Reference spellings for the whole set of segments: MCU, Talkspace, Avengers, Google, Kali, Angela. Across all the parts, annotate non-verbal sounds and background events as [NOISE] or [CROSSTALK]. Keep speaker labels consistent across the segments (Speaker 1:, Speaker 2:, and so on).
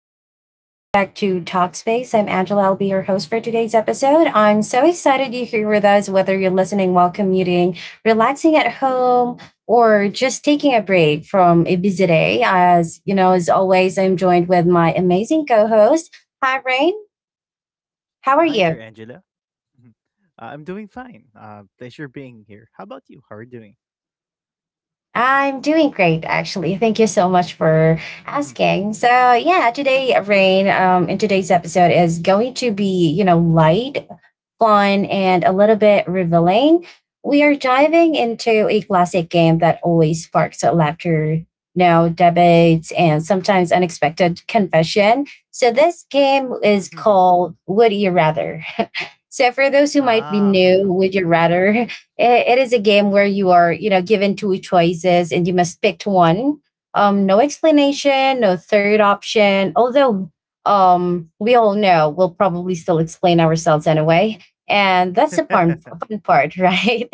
Speaker 1: everyone. Welcome back to Talkspace. I'm Angela. I'll be your host for today's episode. I'm so excited you're here with us, whether you're listening while commuting, relaxing at home, or just taking a break from a busy day. As you know, as always, I'm joined with my amazing co host. Hi, Rain. How are
Speaker 2: Hi
Speaker 1: you?
Speaker 2: there, Angela. Mhm. I'm doing fine. Pleasure being here. How about you? How are you doing?
Speaker 1: I'm doing great, actually. Thank you so much for
Speaker 2: Mhm.
Speaker 1: asking. So, yeah, today, Rain, in today's episode is going to be, light fun, and a little bit revealing. We are diving into a classic game that always sparks laughter, now debates, and sometimes unexpected confession. So this game
Speaker 2: Mhm.
Speaker 1: is called Would You Rather? So for those who might
Speaker 2: ah,
Speaker 1: be new, would you rather? [LAUGHS] It is a game where you are, you know, given two choices and you must pick one. No explanation, no third option. Although we all know we'll probably still explain ourselves anyway, and that's the fun,
Speaker 2: [LAUGHS]
Speaker 1: fun part, [LAUGHS] right?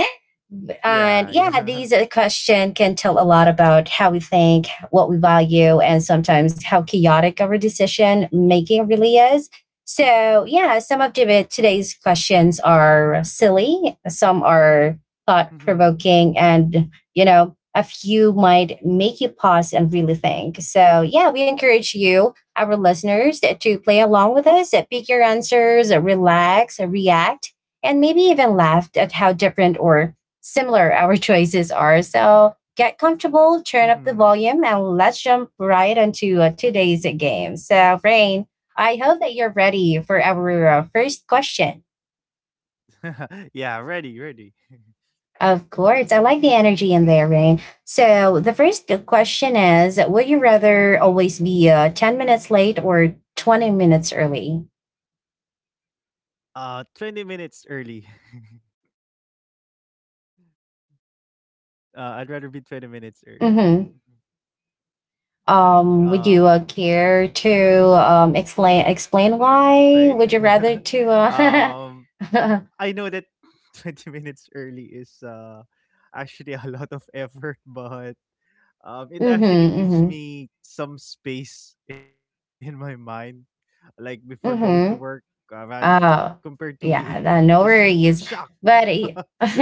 Speaker 2: yeah,
Speaker 1: And yeah,
Speaker 2: yeah.
Speaker 1: these questions can tell a lot about how we think, what we value, and sometimes how chaotic our decision making really is. So yeah, today's questions are silly, some are thought
Speaker 2: Mhm.
Speaker 1: provoking, and you know, a few might make you pause and really think. So yeah, we encourage you, our listeners, to play along with us, pick your answers, relax, react and maybe even laughed at how different or similar, our [LAUGHS] choices are. So get comfortable, turn
Speaker 2: Mhm.
Speaker 1: up the volume, and let's jump right into today's game. So, Rain, I hope that you're ready for our first question.
Speaker 2: [LAUGHS] Ready. [LAUGHS]
Speaker 1: Of course, I like the energy in there, Rain. So, the first question is, would you rather always be 10 minutes late or 20 minutes early?
Speaker 2: 20 minutes early. [LAUGHS] I'd rather be 20 minutes early.
Speaker 1: Mm-hmm.
Speaker 2: Mhm.
Speaker 1: Would
Speaker 2: Uh,
Speaker 1: you care to explain
Speaker 2: Explain.
Speaker 1: why?
Speaker 2: [LAUGHS]
Speaker 1: Would you rather to
Speaker 2: um,
Speaker 1: uh,
Speaker 2: I know
Speaker 1: [LAUGHS]
Speaker 2: that [LAUGHS] 20 minutes early is actually a lot of effort, but it
Speaker 1: Mhm,
Speaker 2: actually gives
Speaker 1: mhm,
Speaker 2: me some space [LAUGHS] in my mind, like before going to work, uh,
Speaker 1: mhm.
Speaker 2: rad- compared to
Speaker 1: Oh,
Speaker 2: being
Speaker 1: yeah,
Speaker 2: just
Speaker 1: no
Speaker 2: shocked.
Speaker 1: worries.
Speaker 2: [LAUGHS]
Speaker 1: But [LAUGHS]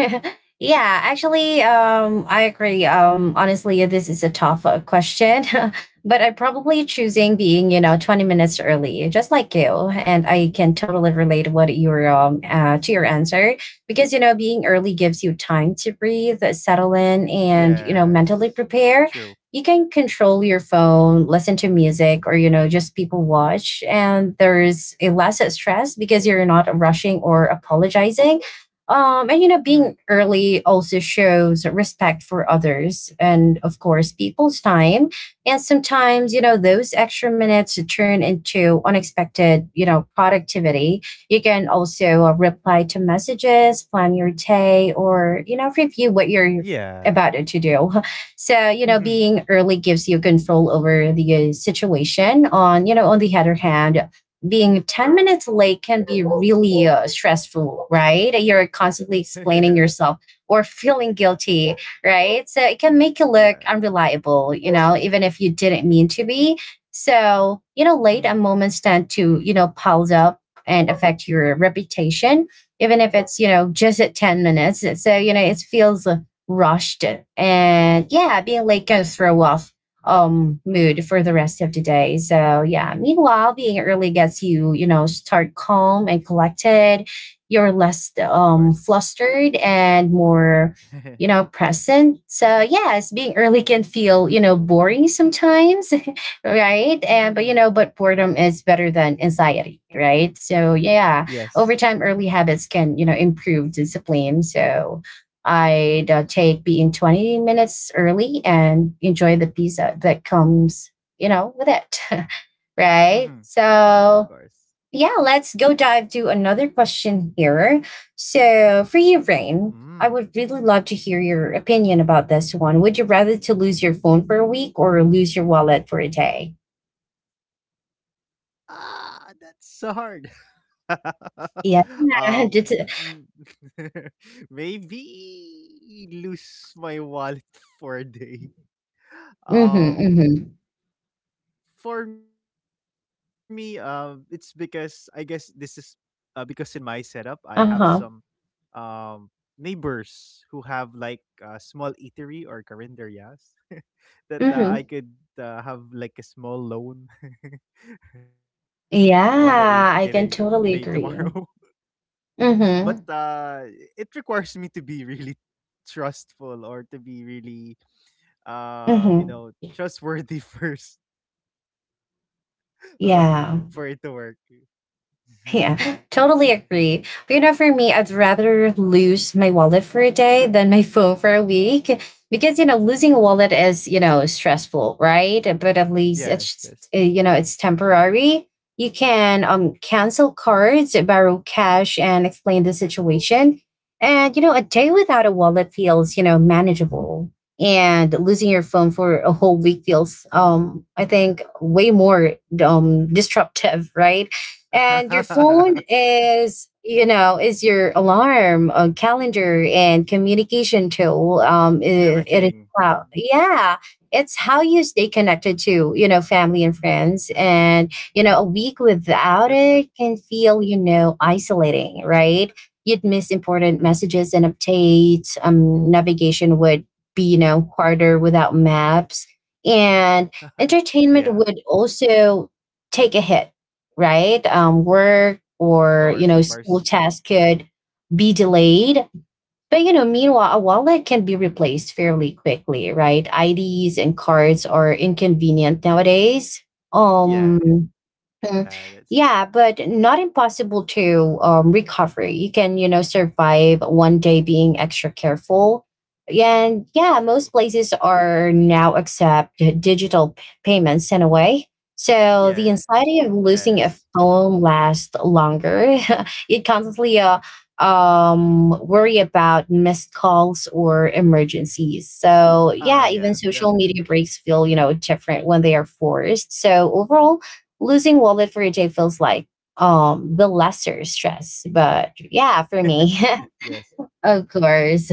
Speaker 1: yeah, actually, I agree. Honestly, this is a tough question, [LAUGHS] but I'm probably choosing being, you know, 20 minutes early, just like you. And I can totally relate what your to your answer because you know being early gives you time to breathe, settle in, and you know
Speaker 2: Yes,
Speaker 1: mentally prepare.
Speaker 2: true.
Speaker 1: You can control your phone, listen to music, or you know, just people watch, and there's a less stress because you're not rushing or apologizing. And you know,
Speaker 2: Mhm.
Speaker 1: being early also shows respect for others and, of course, people's time. And sometimes, you know, those extra minutes turn into unexpected, you know, productivity. You can also reply to messages, plan your day, or you know, review what you're
Speaker 2: Yeah.
Speaker 1: about to do. So, you know,
Speaker 2: Mhm.
Speaker 1: being early gives you control over the situation. On, you know, on the other hand, being 10 minutes late can be really stressful, right? You're
Speaker 2: [LAUGHS]
Speaker 1: constantly
Speaker 2: yes.
Speaker 1: explaining yourself or feeling guilty, right? So it can make you look
Speaker 2: Yeah.
Speaker 1: unreliable, you know, even if you didn't mean to be. So,
Speaker 2: Mhm.
Speaker 1: you know, late and moments tend to, you know, pile up and affect your reputation, even if it's, you know, just at 10 minutes. So, you know, it feels rushed and yeah, being late can throw off
Speaker 2: Mhm.
Speaker 1: mood for the rest of the day. So yeah, meanwhile, being early gets you, you know, start calm and collected. You're less
Speaker 2: Of course.
Speaker 1: flustered and more,
Speaker 2: [LAUGHS]
Speaker 1: you know, present. So yes, being early can feel, you know, boring sometimes, [LAUGHS] right? And but you know, but boredom is better than anxiety, right? So yeah,
Speaker 2: yes.
Speaker 1: over time early
Speaker 2: [LAUGHS]
Speaker 1: habits can, you know, improve discipline. So
Speaker 2: Of
Speaker 1: I'd
Speaker 2: course.
Speaker 1: take being 20 minutes early and enjoy the pizza that comes, you know, with it. [LAUGHS]
Speaker 2: Mhm.
Speaker 1: right.
Speaker 2: Of course.
Speaker 1: So, yeah, let's go dive to another question here. So, for you, Rain,
Speaker 2: Mm.
Speaker 1: I would really love to hear your opinion about this one. Would you rather to lose your phone for a week or lose your wallet for a day?
Speaker 2: Ah, that's so hard. [LAUGHS]
Speaker 1: Yeah, [LAUGHS]
Speaker 2: um,
Speaker 1: it's a,
Speaker 2: mm, [LAUGHS] maybe lose my wallet [LAUGHS] for a day.
Speaker 1: mm-hmm,
Speaker 2: Um,
Speaker 1: mm-hmm.
Speaker 2: for me, it's because I guess because in my setup I have some
Speaker 1: Uh-huh,
Speaker 2: um neighbors who have like a small eatery or carinderias [LAUGHS] that I
Speaker 1: mm-hmm.
Speaker 2: could have like a small loan. [LAUGHS] I wanna eat. Can I
Speaker 1: Yeah, I
Speaker 2: pay
Speaker 1: can totally
Speaker 2: tomorrow?
Speaker 1: agree.
Speaker 2: But
Speaker 1: Mm-hmm,
Speaker 2: it requires me to be really trustful or to be really you
Speaker 1: mm-hmm.
Speaker 2: know trustworthy [LAUGHS] first, uh, for it to
Speaker 1: Yeah.
Speaker 2: work. [LAUGHS]
Speaker 1: Yeah, totally agree. But you know, for me, I'd rather lose my wallet for a day than my [LAUGHS] phone for a week because, you know, losing a wallet is, you know, stressful, right? But at least
Speaker 2: yes
Speaker 1: it's,
Speaker 2: yes
Speaker 1: just, you know, it's temporary. You can cancel cards, borrow cash, and explain the situation. And, you know, a day without a wallet feels, you know, manageable. And losing your phone for a whole week feels, I think, way more disruptive, [LAUGHS] right?
Speaker 2: [LAUGHS]
Speaker 1: And your phone is you know is your alarm calendar and communication tool
Speaker 2: And everything.
Speaker 1: it is
Speaker 2: Mm,
Speaker 1: how yeah it's how you stay connected to you know family and friends, and you know a
Speaker 2: that's
Speaker 1: week
Speaker 2: true.
Speaker 1: without it can feel you know isolating, right? You'd miss
Speaker 2: Mhm.
Speaker 1: important messages and updates. Navigation would be you know harder without maps and
Speaker 2: [LAUGHS] Yeah,
Speaker 1: entertainment would also take a hit, right?
Speaker 2: of
Speaker 1: Work
Speaker 2: course, of
Speaker 1: or you
Speaker 2: course.
Speaker 1: know school tasks could be delayed. But you know, meanwhile, a wallet can be replaced fairly quickly, right? IDs and cards are inconvenient nowadays.
Speaker 2: Yeah,
Speaker 1: Um,
Speaker 2: that's true.
Speaker 1: Mm. Yeah, but not impossible to recover. You can, you know, survive 1 day being extra careful. And yeah,
Speaker 2: True.
Speaker 1: most places are now accept digital payments in a way. So the
Speaker 2: Yes.
Speaker 1: anxiety of losing a phone lasts longer. [LAUGHS] You constantly worry about missed calls or emergencies. So
Speaker 2: Ah,
Speaker 1: yeah,
Speaker 2: yeah,
Speaker 1: even social media
Speaker 2: definitely.
Speaker 1: breaks feel, you know, different when they are forced. So overall, losing wallet for a day feels like the lesser stress, but yeah for
Speaker 2: [LAUGHS]
Speaker 1: me
Speaker 2: Yes.
Speaker 1: [LAUGHS] of course.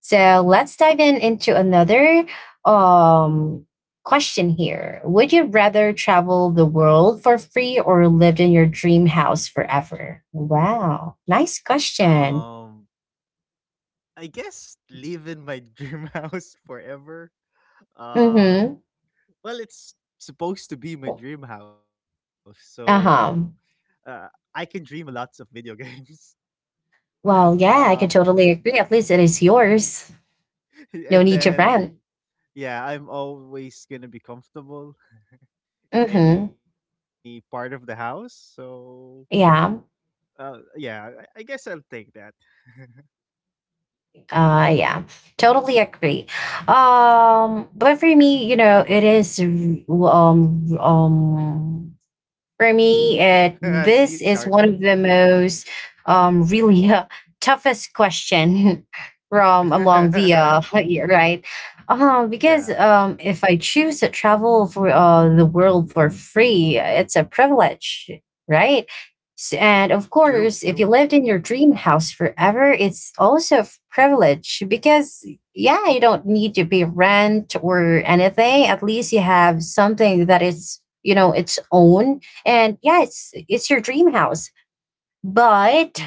Speaker 1: So let's dive in into another um question here. Would you rather travel the world for free or lived in your dream house forever? Wow, nice question.
Speaker 2: um I guess live in my dream [LAUGHS] house forever. Uh,
Speaker 1: Mm-hmm.
Speaker 2: well, it's supposed to be my dream house, so
Speaker 1: Uh-huh.
Speaker 2: uh, I can dream lots of video games. [LAUGHS]
Speaker 1: Well yeah,
Speaker 2: Uh,
Speaker 1: I could totally agree, at least it is yours.
Speaker 2: [LAUGHS]
Speaker 1: No
Speaker 2: and
Speaker 1: need to
Speaker 2: then,
Speaker 1: rent.
Speaker 2: yeah, I'm always gonna be comfortable in
Speaker 1: Mm-hmm,
Speaker 2: any part of the house. So,
Speaker 1: yeah.
Speaker 2: yeah, I guess I'll take that.
Speaker 1: Yeah, totally agree. But for me, you
Speaker 2: [LAUGHS]
Speaker 1: know,
Speaker 2: How
Speaker 1: it
Speaker 2: about you?
Speaker 1: is For
Speaker 2: [LAUGHS]
Speaker 1: me,
Speaker 2: See, it's
Speaker 1: it,
Speaker 2: hard.
Speaker 1: this is one of the most really [LAUGHS] toughest question [LAUGHS] from among the
Speaker 2: [LAUGHS]
Speaker 1: [LAUGHS] yeah, right. Because
Speaker 2: yeah,
Speaker 1: if I choose to travel for the world for free, it's a privilege, right? And
Speaker 2: true,
Speaker 1: of
Speaker 2: true.
Speaker 1: course, if you lived in your dream house forever, it's also a privilege because, yeah, you don't need to pay rent or anything. At least you have something that is, you know, its own, and yeah, it's your dream house,
Speaker 2: [LAUGHS]
Speaker 1: but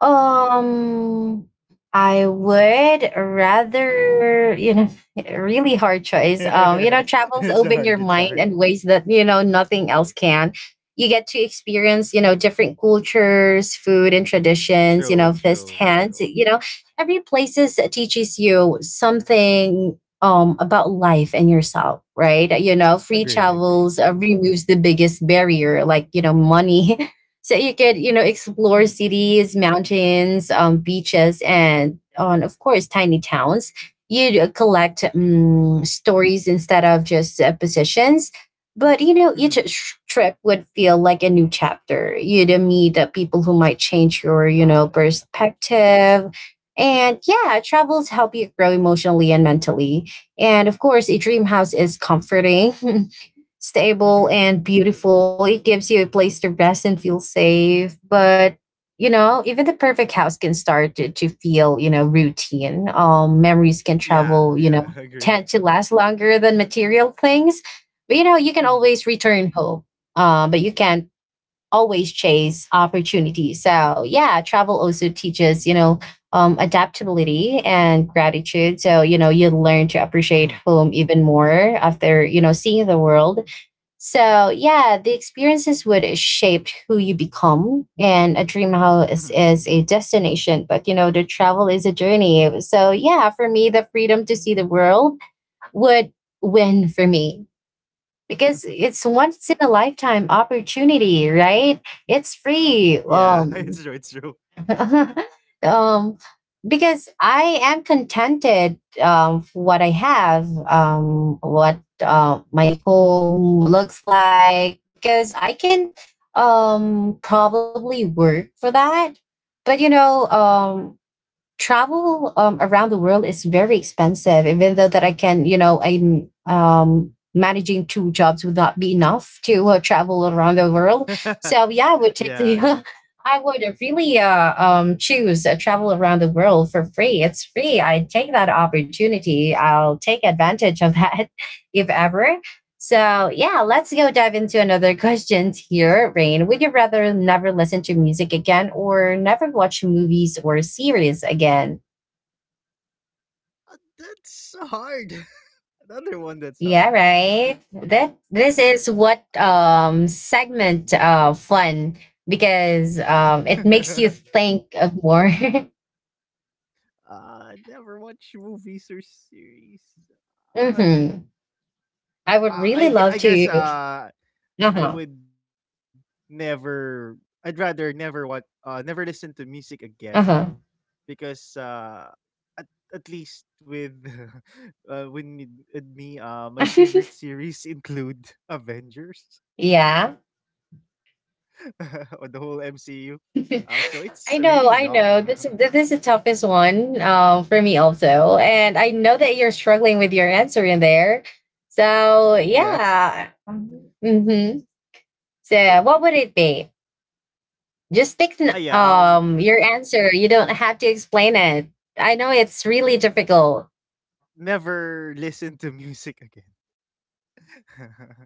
Speaker 1: um, I would rather, you know, [LAUGHS] really hard
Speaker 2: [LAUGHS]
Speaker 1: choice. You know, travels
Speaker 2: It's
Speaker 1: open
Speaker 2: hard.
Speaker 1: your
Speaker 2: It's
Speaker 1: mind
Speaker 2: hard.
Speaker 1: in ways that, you know, nothing else can. You get to experience, you know, different cultures, food and
Speaker 2: True.
Speaker 1: traditions, you know,
Speaker 2: True. True.
Speaker 1: firsthand. You know, every places teaches you something about life and yourself, right? You know, free
Speaker 2: Agree. Agree.
Speaker 1: travels removes the biggest barrier, like, you know, money. [LAUGHS] So you could you
Speaker 2: Mhm,
Speaker 1: know explore cities, mountains, beaches, and on of course tiny towns. You'd collect stories instead of just positions, but you know
Speaker 2: mhm.
Speaker 1: trip would feel like a new chapter. You'd meet people who might
Speaker 2: Ah,
Speaker 1: change your
Speaker 2: yeah.
Speaker 1: you know perspective, and yeah travels help you grow emotionally and mentally. And of course a dream house is comforting, [LAUGHS]
Speaker 2: Mhm.
Speaker 1: stable and beautiful. It gives you a place to rest and feel safe. But you know, even the perfect house can start to, feel, you know, routine. Memories can
Speaker 2: Yeah.
Speaker 1: travel,
Speaker 2: Yeah.
Speaker 1: you
Speaker 2: [LAUGHS]
Speaker 1: know,
Speaker 2: Agree.
Speaker 1: tend to last longer than material things. But you know, you can
Speaker 2: Mhm,
Speaker 1: always return home. But you can't always chase opportunities. So yeah, travel also teaches, you know, adaptability and gratitude. So, you know, you learn to
Speaker 2: mhm,
Speaker 1: appreciate home even more after, you know, seeing the world. So yeah, the experiences would shape who you become, and a dream
Speaker 2: mhm,
Speaker 1: house is a destination, but you know the travel is a journey. So yeah, for me, the freedom to see the world would win for me because
Speaker 2: mhm.
Speaker 1: it's once in a lifetime opportunity, right? It's
Speaker 2: Yeah. [LAUGHS]
Speaker 1: free.
Speaker 2: It's true. It's true.
Speaker 1: [LAUGHS] Um, because I am contented for what I have, what my home looks like, because I can probably work for that. But you know,
Speaker 2: Mhm.
Speaker 1: travel around the world is very expensive, even though that I can you know I'm managing 2 jobs would not be enough to travel around the
Speaker 2: [LAUGHS]
Speaker 1: world. So yeah I
Speaker 2: Yeah.
Speaker 1: would take
Speaker 2: Yeah.
Speaker 1: the [LAUGHS] I would really choose travel around the world for free. It's free, I take that opportunity, I'll take advantage of that [LAUGHS] if ever. So, yeah, let's go dive into another [LAUGHS] questions here, Rain. Would you rather never listen to music again or never watch movies or series again?
Speaker 2: That's hard. [LAUGHS] Another one that's hard.
Speaker 1: Yeah, right. That this is what segment fun because it
Speaker 2: [LAUGHS]
Speaker 1: makes you think of more. [LAUGHS]
Speaker 2: Never watch movies or series. Uh,
Speaker 1: hmm I would really love
Speaker 2: I guess.
Speaker 1: to. Uh
Speaker 2: I
Speaker 1: huh.
Speaker 2: would never I'd rather never what never listen to music again
Speaker 1: Uh
Speaker 2: because at, at least with [LAUGHS] uh when me, with me my
Speaker 1: huh.
Speaker 2: favorite
Speaker 1: [LAUGHS]
Speaker 2: series include [LAUGHS] Avengers
Speaker 1: Yeah.
Speaker 2: [LAUGHS] or the whole MCU. Um, so
Speaker 1: [LAUGHS]
Speaker 2: it's really long.
Speaker 1: I know, I know. This is the toughest one for me also, and I know that you're
Speaker 2: [LAUGHS]
Speaker 1: struggling with your answer in there. So
Speaker 2: Yes.
Speaker 1: yeah, mm-hmm, so what would it be?
Speaker 2: Ah yeah,
Speaker 1: Just pick
Speaker 2: um
Speaker 1: n- um your answer. You don't have to explain it. I know it's really difficult.
Speaker 2: Never listen to music again.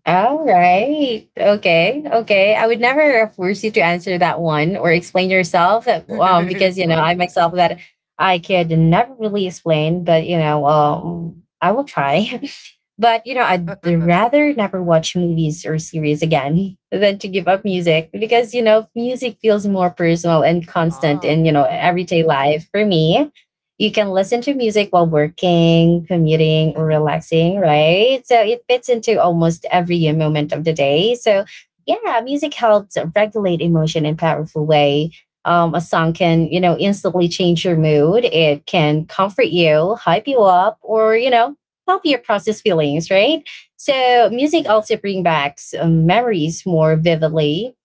Speaker 1: All right. Okay. Okay. I would never force you to answer that one or
Speaker 2: [LAUGHS]
Speaker 1: explain yourself,
Speaker 2: It's fine.
Speaker 1: because, you know, I myself that I could never really explain, but, you know, I will try. [LAUGHS] But you know, I'd
Speaker 2: [LAUGHS]
Speaker 1: rather never watch movies or series again than to give up music because you know, music feels more personal
Speaker 2: Ah.
Speaker 1: and constant in you know everyday life for me. You can listen to music while working, commuting,
Speaker 2: Mhm.
Speaker 1: or relaxing, right? So it fits into almost every moment of the day. So yeah, music helps regulate emotion in a powerful way. A song can, you know, instantly change your mood. It can comfort you, hype you up, or you know, help you process feelings, right? So
Speaker 2: Yeah.
Speaker 1: music also brings back memories more vividly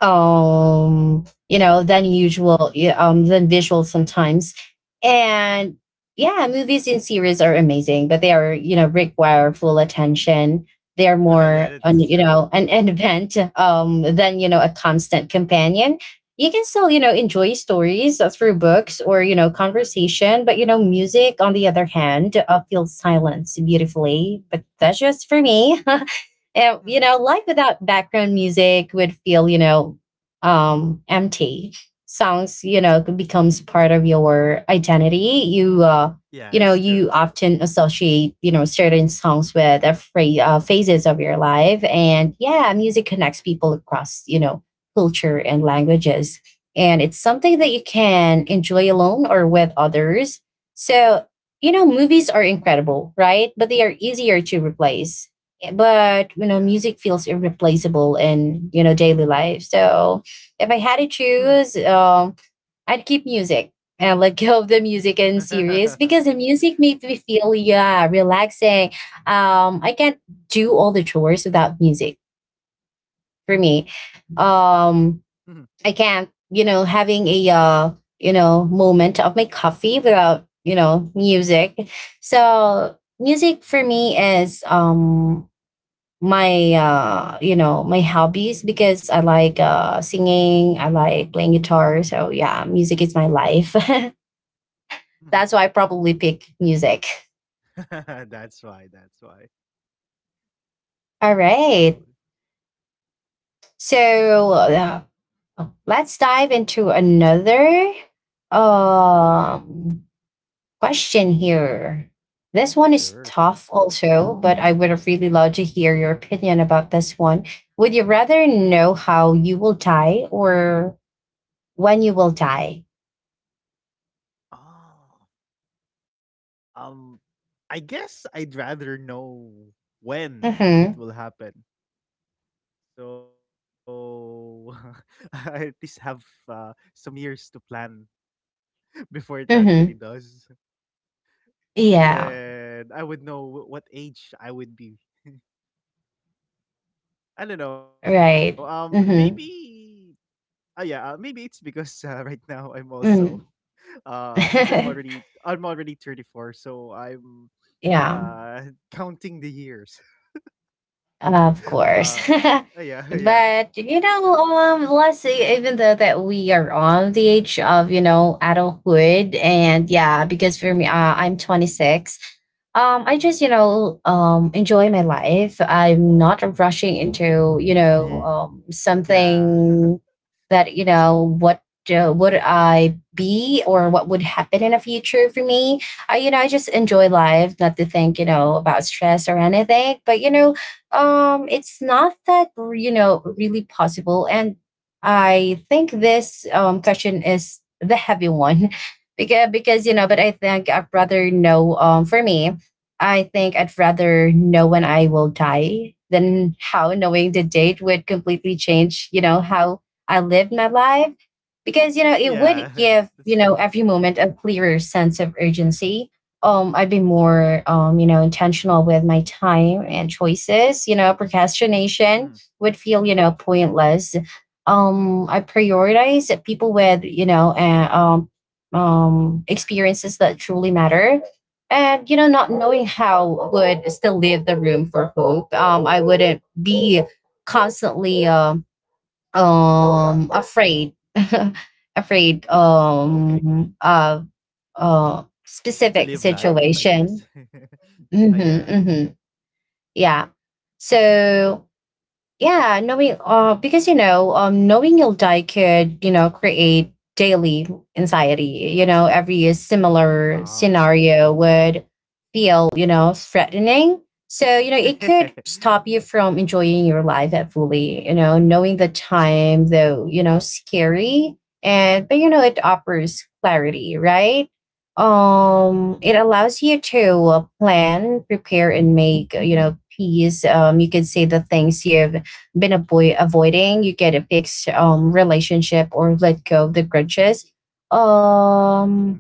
Speaker 1: you know than
Speaker 2: [LAUGHS]
Speaker 1: usual, yeah, than visual sometimes. And yeah, movies and series are amazing, but they are you know require full attention.
Speaker 2: [LAUGHS]
Speaker 1: They're
Speaker 2: yeah,
Speaker 1: more
Speaker 2: that's
Speaker 1: on you
Speaker 2: true.
Speaker 1: know an, [LAUGHS] an event than you know a constant companion. You can still you know enjoy stories through books or you know conversation, but you know music on the other hand feels silence beautifully, but that's just for me. And, you
Speaker 2: Mhm.
Speaker 1: know, life without background music would feel, you know, empty. Songs, you know, becomes part of your identity.
Speaker 2: Yeah, it's
Speaker 1: You know,
Speaker 2: true. It's
Speaker 1: you
Speaker 2: true.
Speaker 1: often associate, you know, certain songs with phases of your life. And yeah, music connects people across, you know, culture and languages. And it's
Speaker 2: Mhm.
Speaker 1: something that you can enjoy alone or with others. So, you know, movies are incredible, right? But they are easier to replace, but you know
Speaker 2: Yeah.
Speaker 1: music feels irreplaceable in you know daily life. So if I had
Speaker 2: Mhm.
Speaker 1: to choose, I'd keep music and let [LAUGHS] go of the music and series
Speaker 2: Mhm. [LAUGHS]
Speaker 1: because the music makes me feel yeah relaxing. I can't do all the chores without music, for me.
Speaker 2: Mm.
Speaker 1: um I can't you know having a you know moment of my coffee without you know music. So music for me is my you know my hobbies because I like singing, I like playing guitar, so yeah music is my life. [LAUGHS]
Speaker 2: Mhm.
Speaker 1: That's why I probably pick music.
Speaker 2: [LAUGHS] That's why. That's why.
Speaker 1: All right.
Speaker 2: So, mhm.
Speaker 1: So let's dive into another
Speaker 2: Okay,
Speaker 1: um question here. This one is
Speaker 2: sure.
Speaker 1: tough also, but I would have really loved to hear your opinion about this one. Would you rather know how you will die, or when you will die?
Speaker 2: Oh, um, I guess I'd rather know when it
Speaker 1: Mm-hmm.
Speaker 2: will happen. So [LAUGHS] I at least have some years to plan [LAUGHS] before it actually
Speaker 1: Mm-hmm.
Speaker 2: does. And
Speaker 1: Yeah.
Speaker 2: then I would know what age I would be. I don't know.
Speaker 1: Right.
Speaker 2: Maybe.
Speaker 1: Mm-hmm.
Speaker 2: Yeah, maybe it's because [LAUGHS] right now I'm also,
Speaker 1: Mm.
Speaker 2: [LAUGHS] since I'm already 34, so I'm
Speaker 1: [LAUGHS] Yeah.
Speaker 2: uh counting the years. [LAUGHS]
Speaker 1: Of course.
Speaker 2: Uh,
Speaker 1: [LAUGHS]
Speaker 2: yeah, [LAUGHS] yeah.
Speaker 1: But you know, let's say even though that we are on the age of, you know, adulthood and yeah, because for me I'm 26. I
Speaker 2: Mhm.
Speaker 1: just, you know, enjoy my life. I'm not rushing into, you know,
Speaker 2: Yeah. [LAUGHS]
Speaker 1: something that, you know, what
Speaker 2: Mhm.
Speaker 1: would I be or what would happen in the future for me? I, you know, I just enjoy life, not to think, you know, about stress or anything. But you know, it's not that you know really possible. And I think this question is the heavy one [LAUGHS] because you
Speaker 2: Mhm.
Speaker 1: know, but I think I'd rather know, for me I think I'd rather know when I will die than how. Knowing the date would completely change you know how I lived my life, because you know
Speaker 2: Yeah.
Speaker 1: it
Speaker 2: [LAUGHS]
Speaker 1: would
Speaker 2: That's true.
Speaker 1: give you know every moment a clearer sense of urgency. I've been more you know intentional with my time and choices. You know,
Speaker 2: Mhm.
Speaker 1: procrastination would feel you know pointless. I prioritize that people with you know experiences that truly matter. And you know, not
Speaker 2: Yes.
Speaker 1: knowing how would still leave the room for hope. I wouldn't be constantly
Speaker 2: Mhm.
Speaker 1: afraid [LAUGHS] afraid
Speaker 2: Okay.
Speaker 1: of
Speaker 2: To live
Speaker 1: specific
Speaker 2: life, I guess.
Speaker 1: situation.
Speaker 2: [LAUGHS]
Speaker 1: Hmm
Speaker 2: Yeah, yeah.
Speaker 1: hmm. Yeah. So yeah, knowing because you know knowing you'll die could you know create daily anxiety. You know every similar
Speaker 2: Ah.
Speaker 1: scenario would feel you know threatening, so you know it could
Speaker 2: [LAUGHS]
Speaker 1: stop you
Speaker 2: Yes.
Speaker 1: from enjoying your life at fully. You know knowing the time though, you know, scary. And but you know
Speaker 2: Mhm.
Speaker 1: it offers clarity, right?
Speaker 2: Yeah.
Speaker 1: It allows you to plan, prepare and make you know peace. You can say the things you've been avoiding, you get a fixed relationship or let go of the grudges.
Speaker 2: Mhm.
Speaker 1: Um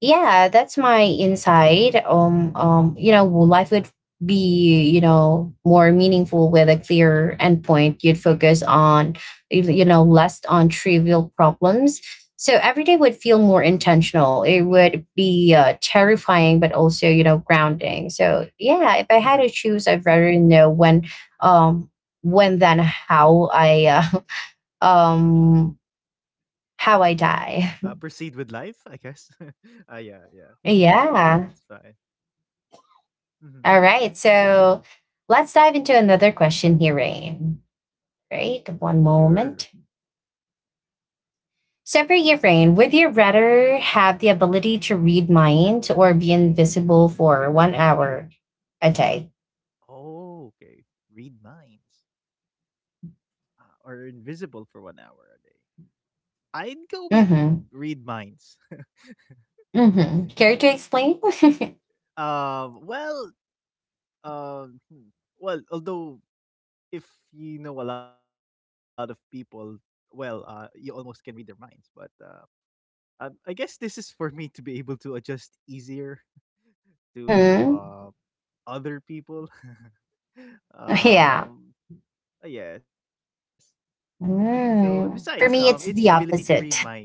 Speaker 1: yeah, that's my insight. You know, life would be you know more meaningful with a clear endpoint. You'd focus on you know less on trivial problems, so every day would feel
Speaker 2: Mhm.
Speaker 1: more intentional. It would be terrifying but also you know grounding. So yeah, if I had to
Speaker 2: [LAUGHS]
Speaker 1: choose, I'd rather know when, um when than how I [LAUGHS] um how I die.
Speaker 2: Proceed with life, I guess. [LAUGHS] Ah, yeah, yeah,
Speaker 1: [LAUGHS]
Speaker 2: yeah, that's
Speaker 1: Yeah.
Speaker 2: fine. Hmm.
Speaker 1: All right.
Speaker 2: Oh,
Speaker 1: So let's dive into another question here, Rain. Right.
Speaker 2: sure.
Speaker 1: One moment.
Speaker 2: Okay.
Speaker 1: So for you, Rain, would you rather have the ability to read minds or be invisible for 1 hour a day?
Speaker 2: Oh, okay. Read minds, ah, or invisible for 1 hour a day. I'd go with read
Speaker 1: Mm-hmm.
Speaker 2: minds. [LAUGHS]
Speaker 1: Mm-hmm. Care to explain? [LAUGHS]
Speaker 2: Um. Well. Hmm. Well, although if you know a lot of people, well, you almost can read their minds. But I guess this is for me to be able to adjust easier to
Speaker 1: Mm-hmm.
Speaker 2: um other people. [LAUGHS]
Speaker 1: Yeah.
Speaker 2: um, yes. So besides,
Speaker 1: Mm. For
Speaker 2: its
Speaker 1: me, it's
Speaker 2: ability
Speaker 1: the
Speaker 2: to read
Speaker 1: opposite.
Speaker 2: minds.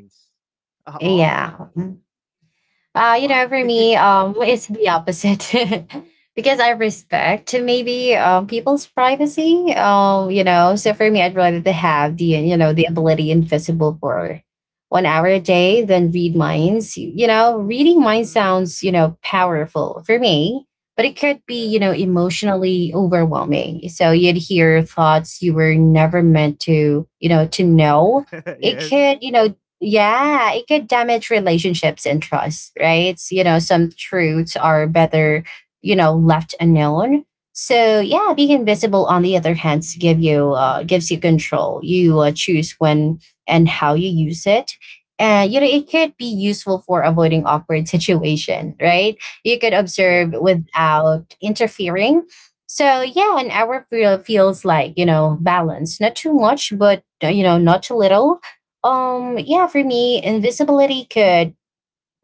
Speaker 2: Oh,
Speaker 1: Yeah. Mm.
Speaker 2: why?
Speaker 1: You know,
Speaker 2: [LAUGHS]
Speaker 1: for me, it's the opposite [LAUGHS] because I respect maybe people's privacy. You know, so for me,
Speaker 2: Mhm.
Speaker 1: I'd rather to have the you know the ability invisible for 1 hour a day than read minds. You know, reading minds
Speaker 2: Mm,
Speaker 1: sounds you know powerful for me, but it could be
Speaker 2: yeah.
Speaker 1: you know emotionally overwhelming. So you'd hear thoughts you were never meant to you know to
Speaker 2: [LAUGHS]
Speaker 1: know.
Speaker 2: Yes.
Speaker 1: It could you know, yeah, it could damage relationships and trust, right? You know, some
Speaker 2: Mhm.
Speaker 1: truths are better, you know, left unknown. So yeah, being invisible on the other hand to give you gives you control. You choose when and how you use it. And you know, it could be useful for avoiding awkward [LAUGHS] situation, right? You could
Speaker 2: Yeah.
Speaker 1: observe
Speaker 2: Yes.
Speaker 1: without interfering. So yeah, an hour feels like, you know, balance, not too much, but you know, not too little.
Speaker 2: Mhm.
Speaker 1: Yeah, for me, invisibility could,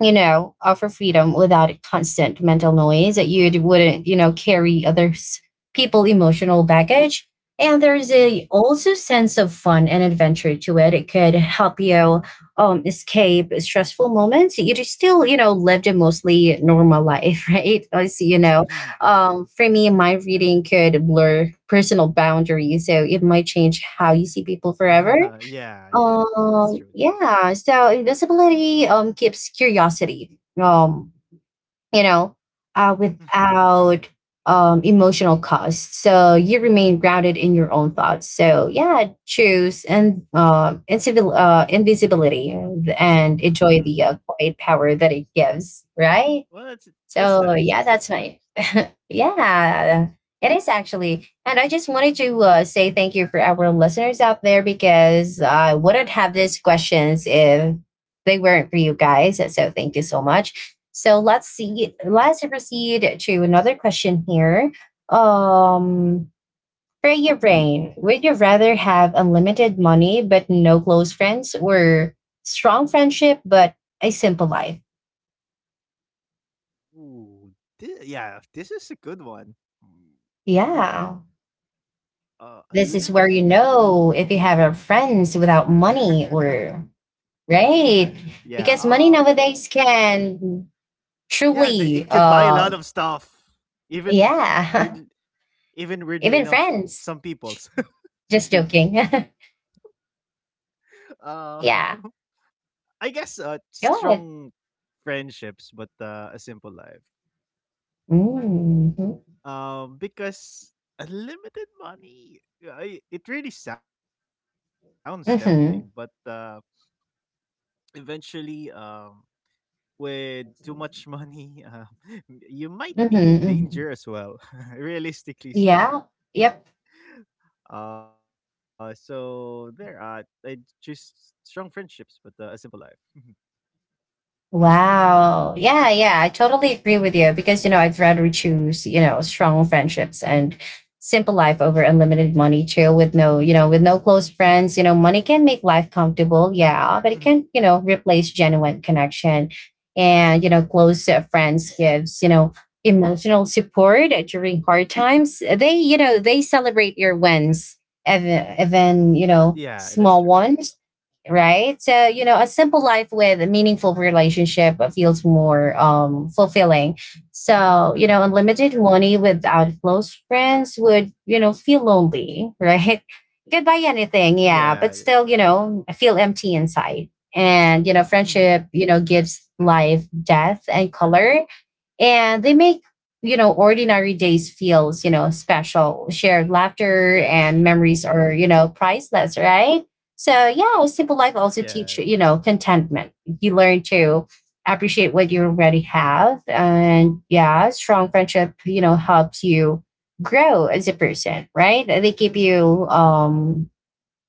Speaker 1: you know, offer freedom without a constant mental noise that you wouldn't, you know, carry others people emotional baggage. And there's
Speaker 2: Mhm.
Speaker 1: a also sense of fun and adventure to it. It could help you escape stressful moments. You just still, you know, lived a mostly normal life, [LAUGHS] right? As you know,
Speaker 2: Mhm.
Speaker 1: for me, my reading could blur personal boundaries. So it might change how you see
Speaker 2: [LAUGHS]
Speaker 1: people forever.
Speaker 2: Yeah. Yeah. It's true. It's true.
Speaker 1: Yeah, so invisibility keeps curiosity, um, you know,
Speaker 2: [LAUGHS]
Speaker 1: without emotional costs. So you remain grounded in your own thoughts. So yeah, choose and invisibility and
Speaker 2: Mhm.
Speaker 1: enjoy the quiet power that it gives,
Speaker 2: well,
Speaker 1: right?
Speaker 2: that's that's nice.
Speaker 1: So
Speaker 2: That's
Speaker 1: yeah,
Speaker 2: nice at
Speaker 1: that's
Speaker 2: least.
Speaker 1: my [LAUGHS] yeah. It is actually, and I just wanted to say thank you for our listeners out there because I wouldn't have these questions if they weren't for you guys. So thank you so much. So let's
Speaker 2: Yes. Mhm.
Speaker 1: see. Let's proceed to another question here. Um, for
Speaker 2: Mhm.
Speaker 1: your brain, would you rather have unlimited money but no close friends, or strong friendship but a simple life?
Speaker 2: Ooh. Yeah. This is a good one. Hmm.
Speaker 1: Yeah.
Speaker 2: A
Speaker 1: This is where you
Speaker 2: limited
Speaker 1: know if you have a friends without
Speaker 2: [LAUGHS]
Speaker 1: money, or
Speaker 2: yeah.
Speaker 1: right because money nowadays can
Speaker 2: Yeah. It can
Speaker 1: truly
Speaker 2: buy a lot of stuff. Even weird.
Speaker 1: yeah
Speaker 2: Even
Speaker 1: [LAUGHS]
Speaker 2: weirdly
Speaker 1: even
Speaker 2: enough,
Speaker 1: friends.
Speaker 2: some people's. [LAUGHS] Some
Speaker 1: Just
Speaker 2: people.
Speaker 1: joking.
Speaker 2: Uh. [LAUGHS]
Speaker 1: [LAUGHS] Yeah.
Speaker 2: I guess.
Speaker 1: Go
Speaker 2: Strong
Speaker 1: ahead.
Speaker 2: friendships, but a simple life.
Speaker 1: Mm-hmm.
Speaker 2: Because unlimited money. It really sounds tempting, but
Speaker 1: Mm-hmm.
Speaker 2: eventually, with too much money, [LAUGHS] you might
Speaker 1: Mm-hmm.
Speaker 2: be in
Speaker 1: Mm-hmm.
Speaker 2: danger as well, [LAUGHS] realistically speaking.
Speaker 1: Yeah. Yep.
Speaker 2: I choose strong friendships, but a simple life. [LAUGHS]
Speaker 1: Wow. Yeah, yeah, I totally agree with you because you know, I'd rather choose, you know, strong friendships and simple life over unlimited money too with no, you know, with no close friends. You know, money can make life
Speaker 2: Hmm.
Speaker 1: comfortable, yeah, but it can, you know, replace genuine connection. And, you know, close friends gives, you know, emotional support during hard times. They, you know, they celebrate your wins,
Speaker 2: Yeah, that's
Speaker 1: even
Speaker 2: true.
Speaker 1: you
Speaker 2: That's
Speaker 1: know,
Speaker 2: true.
Speaker 1: small ones, right? So, you know, a simple life with a meaningful relationship feels more fulfilling. So,
Speaker 2: Hmm.
Speaker 1: you know, unlimited money without close friends would, you know, feel lonely, right? [LAUGHS] You could buy
Speaker 2: Yeah,
Speaker 1: anything,
Speaker 2: that's true.
Speaker 1: yeah, but still, you know, I feel empty inside. And, you know,
Speaker 2: Hmm.
Speaker 1: friendship, you know, gives life depth and color, and they make, you know, ordinary days feels, you know, special. Shared laughter
Speaker 2: That's
Speaker 1: and
Speaker 2: true.
Speaker 1: memories are, you
Speaker 2: [LAUGHS]
Speaker 1: know, priceless, right? So yeah,
Speaker 2: Yes.
Speaker 1: simple life also teach, you know, contentment. You learn to appreciate what you already have, and yeah, strong friendship, you know, helps you grow as a person, right? They give you
Speaker 2: Hmm.
Speaker 1: um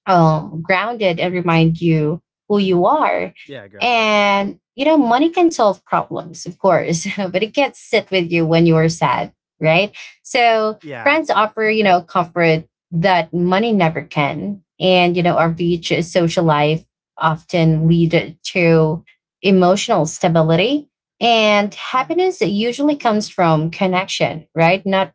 Speaker 1: um, grounded and remind you who you
Speaker 2: Yeah,
Speaker 1: are.
Speaker 2: grounded.
Speaker 1: And, you know, money can solve problems, of course, [LAUGHS] but it can't sit with you when you are sad, right? So
Speaker 2: Yes.
Speaker 1: friends offer, you know, comfort that money never can. And, you know, our rich social life often lead to emotional stability. And
Speaker 2: Hmm.
Speaker 1: happiness usually comes from connection, right? Not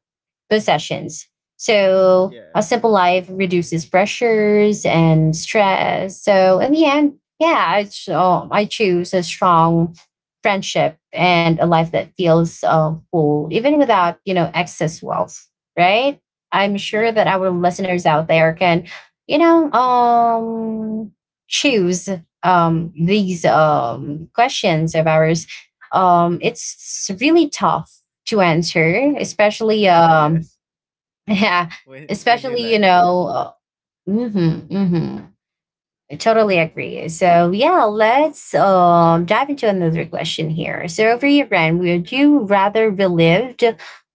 Speaker 1: possessions. So a
Speaker 2: Yes.
Speaker 1: simple life reduces pressures and stress. So in the end, yeah, I choose a strong friendship and a life that feels full, even without, you know, excess wealth. Right? I'm
Speaker 2: Yes,
Speaker 1: sure that
Speaker 2: that's
Speaker 1: our
Speaker 2: true.
Speaker 1: listeners out there can, you know, choose these
Speaker 2: Hmm.
Speaker 1: questions of ours. It's really tough to
Speaker 2: [LAUGHS]
Speaker 1: answer, especially
Speaker 2: [LAUGHS] yes,
Speaker 1: yeah,
Speaker 2: when you
Speaker 1: especially, you
Speaker 2: like them.
Speaker 1: know, mm-hmm, mm-hmm. I totally agree. So, yeah, let's dive into another question here. So, over your Ren, would you rather relive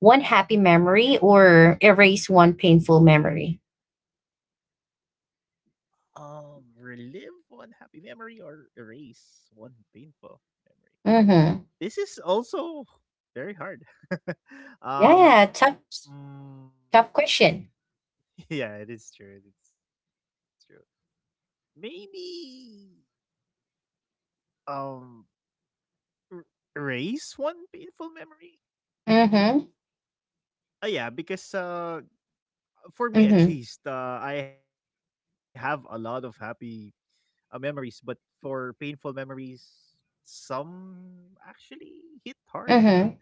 Speaker 1: one happy memory or erase one painful memory?
Speaker 2: Relive one happy memory or erase one painful memory.
Speaker 1: Mm-hmm.
Speaker 2: This is also very hard. [LAUGHS] um,
Speaker 1: Yeah, tough,
Speaker 2: mm,
Speaker 1: tough question.
Speaker 2: [LAUGHS] yeah, it is true. It's true. Maybe um er- erase one painful memory.
Speaker 1: Mm-hmm,
Speaker 2: Yeah, because for me at
Speaker 1: mm-hmm,
Speaker 2: least, I have a lot of happy memories, but for painful memories, some actually hit hard.
Speaker 1: mm-hmm.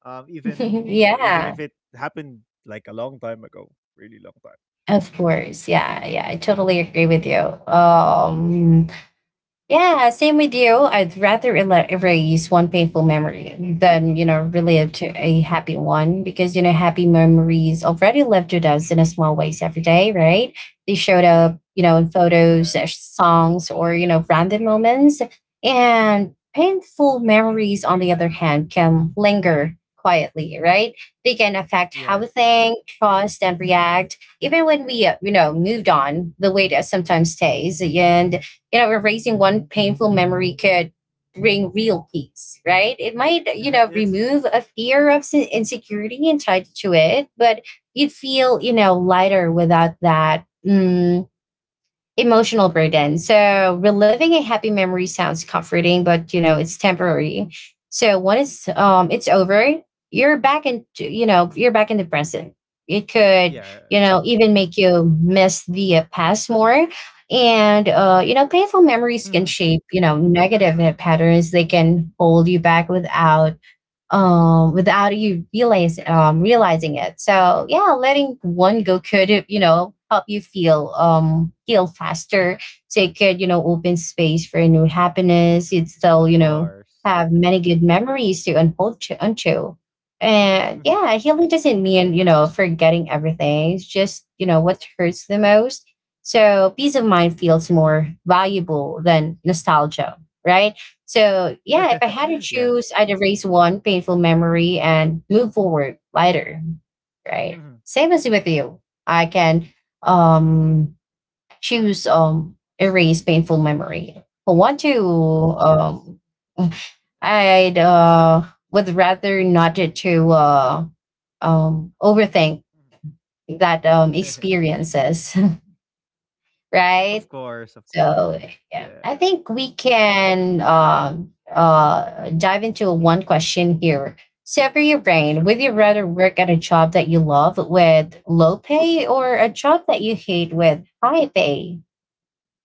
Speaker 1: [LAUGHS]
Speaker 2: Even you know, even
Speaker 1: Yeah,
Speaker 2: if it happened like a long time ago, really long time.
Speaker 1: of course. Yeah, yeah, I totally agree with you. Um, Yeah, same with you. I'd rather erase one painful memory than, you know,
Speaker 2: Hmm.
Speaker 1: relive to a happy one because, you know, happy memories already lived with us in a small ways every day, right? They showed up,
Speaker 2: Yes,
Speaker 1: you know, in photos, songs, or, you know, random moments. And painful memories, on the other hand, can linger quietly, right? They can
Speaker 2: yes,
Speaker 1: affect
Speaker 2: it's
Speaker 1: how
Speaker 2: true.
Speaker 1: we think, trust, and react. Even when we, you know, moved on, the weight sometimes stays. And, you know, erasing one painful memory could bring real peace, right? It
Speaker 2: [LAUGHS]
Speaker 1: might, you
Speaker 2: It's
Speaker 1: know,
Speaker 2: true.
Speaker 1: remove a fear of insecurity and tied to it, but you'd feel,
Speaker 2: Mm.
Speaker 1: you know, lighter without that. Emotional burden. So reliving a happy memory sounds comforting, but you know it's temporary. So once it's over, you're back in, you're back in the present. It could, you
Speaker 2: Yes.
Speaker 1: know, even make you miss the past more, and
Speaker 2: Hmm.
Speaker 1: you know, painful memories can shape, you know, negative patterns. They can hold you back without without you realize realizing it. So yeah, letting one go could, you know, help you feel feel faster. So it could, you know, open space for new happiness.
Speaker 2: Of
Speaker 1: You'd still, you
Speaker 2: course.
Speaker 1: know, have many good memories to unfold to unto.
Speaker 2: Hmm.
Speaker 1: And yeah, healing doesn't mean, you know, forgetting everything. It's just, you know, what hurts the most. So peace of mind feels more valuable than nostalgia, right? So yeah, if
Speaker 2: [LAUGHS]
Speaker 1: I had
Speaker 2: Yeah.
Speaker 1: to choose, I'd erase one painful memory and move forward lighter,
Speaker 2: Hmm.
Speaker 1: right? Same as with you. I can um choose erase painful memory. I want to
Speaker 2: Yes.
Speaker 1: I'd would rather not to overthink
Speaker 2: Mhm.
Speaker 1: that
Speaker 2: [LAUGHS]
Speaker 1: experiences,
Speaker 2: Of
Speaker 1: [LAUGHS]
Speaker 2: course, of
Speaker 1: right?
Speaker 2: course.
Speaker 1: So
Speaker 2: Yeah.
Speaker 1: yeah, I think we can dive into one question here. So for your
Speaker 2: So sure.
Speaker 1: brain, would you rather work at a job that you love with low pay or a job that you hate with high pay?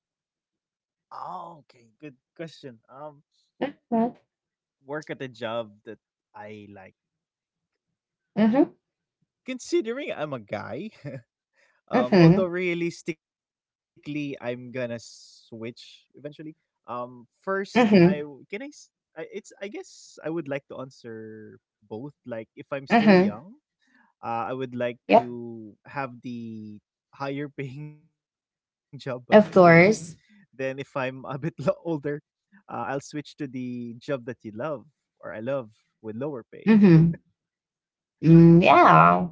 Speaker 2: Okay, good question.
Speaker 1: Mm-hmm.
Speaker 2: Work at a job that I like.
Speaker 1: Mm-hmm.
Speaker 2: Considering I'm a guy, [LAUGHS] although
Speaker 1: Mm-hmm.
Speaker 2: realistically I'm gonna switch eventually. First I w-
Speaker 1: Mm-hmm.
Speaker 2: can I, s- I- it's I guess I would like to answer both. Like if I'm still
Speaker 1: Hmm.
Speaker 2: young, I would like
Speaker 1: Yep.
Speaker 2: to have the higher paying [LAUGHS] job, but I hate it.
Speaker 1: Of
Speaker 2: Then if
Speaker 1: course.
Speaker 2: I'm a bit older, I'll switch to the job that you love or I love with lower pay.
Speaker 1: Mm-hmm. Mm, yeah.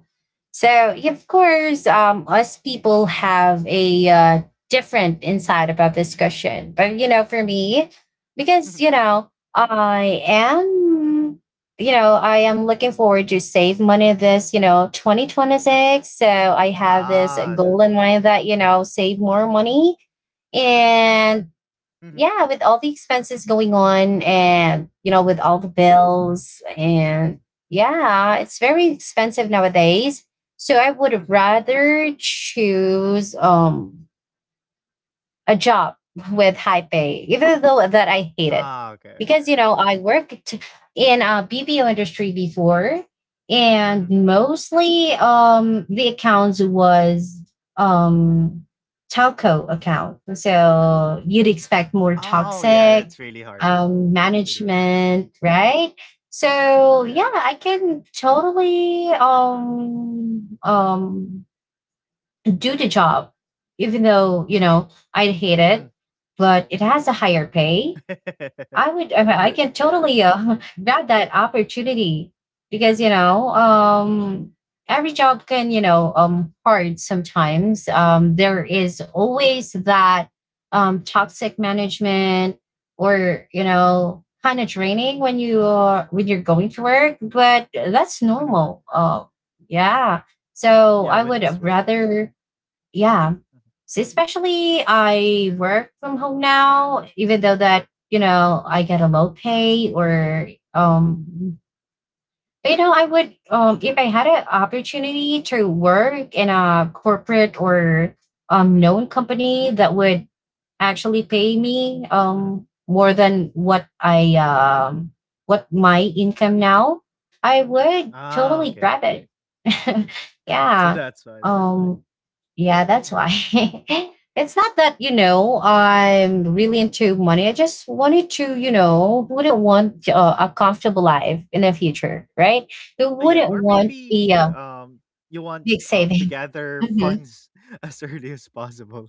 Speaker 1: So, yeah, of course, us people have a different insight about this question. But, you know, for
Speaker 2: Mhm.
Speaker 1: me, because, you know, I am looking forward to save money this, you know, 2026. So I have this
Speaker 2: Ah, that's
Speaker 1: goal in
Speaker 2: why.
Speaker 1: mind that, you know, save more money.
Speaker 2: Mhm,
Speaker 1: And yeah, with all the expenses going on and, you know, with all the bills and yeah, it's very expensive nowadays. So I would
Speaker 2: mhm.
Speaker 1: rather choose a job with high pay, even though that I hate
Speaker 2: Ah,
Speaker 1: it.
Speaker 2: okay.
Speaker 1: Because, you know, I worked in a BPO industry before
Speaker 2: Mhm.
Speaker 1: and mostly the accounts was um telco account. So you'd
Speaker 2: Oh,
Speaker 1: expect
Speaker 2: yeah,
Speaker 1: more
Speaker 2: that's really hard.
Speaker 1: toxic
Speaker 2: That's really hard.
Speaker 1: management, right?
Speaker 2: Yeah,
Speaker 1: So yeah,
Speaker 2: it's true.
Speaker 1: I can totally do the job, even
Speaker 2: Mhm.
Speaker 1: though, you know, I'd hate it, but it has a higher
Speaker 2: [LAUGHS]
Speaker 1: pay. I would, I, mean,
Speaker 2: Yeah,
Speaker 1: I
Speaker 2: it's
Speaker 1: can
Speaker 2: just
Speaker 1: totally [LAUGHS] grab that opportunity because, you know, every job can, you know, hard sometimes. There is always that toxic management or, you know, kind of draining when you are when you're going to work, but that's
Speaker 2: Mhm.
Speaker 1: normal. Yeah.
Speaker 2: Yeah,
Speaker 1: So
Speaker 2: when
Speaker 1: I
Speaker 2: it's
Speaker 1: would
Speaker 2: work. Mhm,
Speaker 1: rather yeah.
Speaker 2: mhm,
Speaker 1: So especially I work from home now, even though that, you know, I get a low pay or but, you know, I would if I had an opportunity to work in a corporate or known company that would actually
Speaker 2: mhm.
Speaker 1: pay me more than what I what my income now, I would
Speaker 2: Ah, okay,
Speaker 1: totally
Speaker 2: okay.
Speaker 1: grab it. [LAUGHS]
Speaker 2: So
Speaker 1: Yeah.
Speaker 2: that's why, that's why.
Speaker 1: Um yeah, that's
Speaker 2: Mhm.
Speaker 1: why. [LAUGHS] It's not that, you know, I'm really into money. I just wanted to, you know, who wouldn't want a comfortable life in the future, right? Who
Speaker 2: Yeah, or
Speaker 1: wouldn't want
Speaker 2: maybe
Speaker 1: a
Speaker 2: you want
Speaker 1: big
Speaker 2: to
Speaker 1: saving? [LAUGHS]
Speaker 2: gather
Speaker 1: Mm-hmm.
Speaker 2: funds [LAUGHS] as early as possible.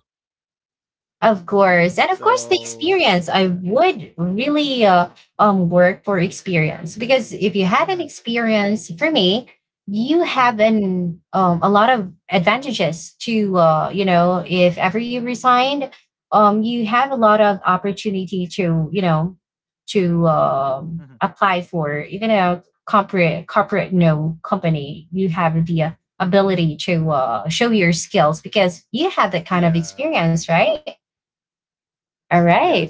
Speaker 1: Of course.
Speaker 2: So
Speaker 1: And of course, the
Speaker 2: yeah.
Speaker 1: experience. I would really work for experience because if you
Speaker 2: Mm-hmm.
Speaker 1: had an experience, for me, you
Speaker 2: Mm-hmm.
Speaker 1: have an a lot of advantages to you know, if ever you
Speaker 2: Mm-hmm.
Speaker 1: resigned you have a lot of opportunity to, you know, to
Speaker 2: Mm-hmm.
Speaker 1: apply for even a corporate no company. You have the ability to show your skills because you have that kind of
Speaker 2: Yeah.
Speaker 1: experience, right?
Speaker 2: Yes. Yeah, it's
Speaker 1: All
Speaker 2: true. It's true.
Speaker 1: right.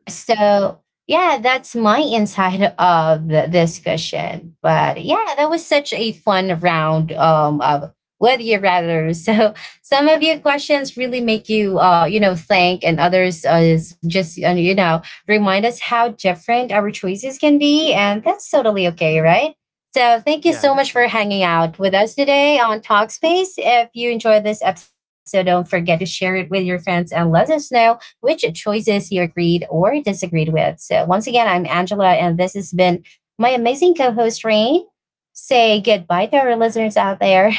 Speaker 1: So, yeah, that's my insight of the discussion. But yeah, that was such a fun round of would you rather. [LAUGHS] So, some of your questions really make you, you know, think, and others is just, you know, remind us how different our choices can be. And that's totally
Speaker 2: Mm-hmm.
Speaker 1: okay, right? So,
Speaker 2: Yeah,
Speaker 1: thank you
Speaker 2: that's
Speaker 1: so
Speaker 2: true.
Speaker 1: much for
Speaker 2: That's true.
Speaker 1: hanging out with us today on Talkspace. If you enjoyed this episode, don't forget to share it with your friends and let us know which choices you agreed or disagreed with. So, once again, I'm Angela, and this has been my amazing co host, Rain. Say goodbye to our listeners out there.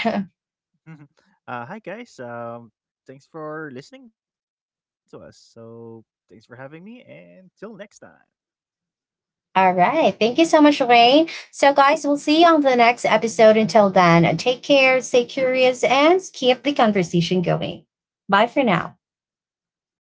Speaker 2: Mhm. Hi guys. Thanks for listening to us. So thanks for having me, and till next time.
Speaker 1: [LAUGHS] All
Speaker 2: Mhm.
Speaker 1: right. Thank you so much, Rain. So, guys, we'll see you on the next episode. Until then, take care, stay curious, and keep the conversation going. Bye for now.
Speaker 2: Bye for now.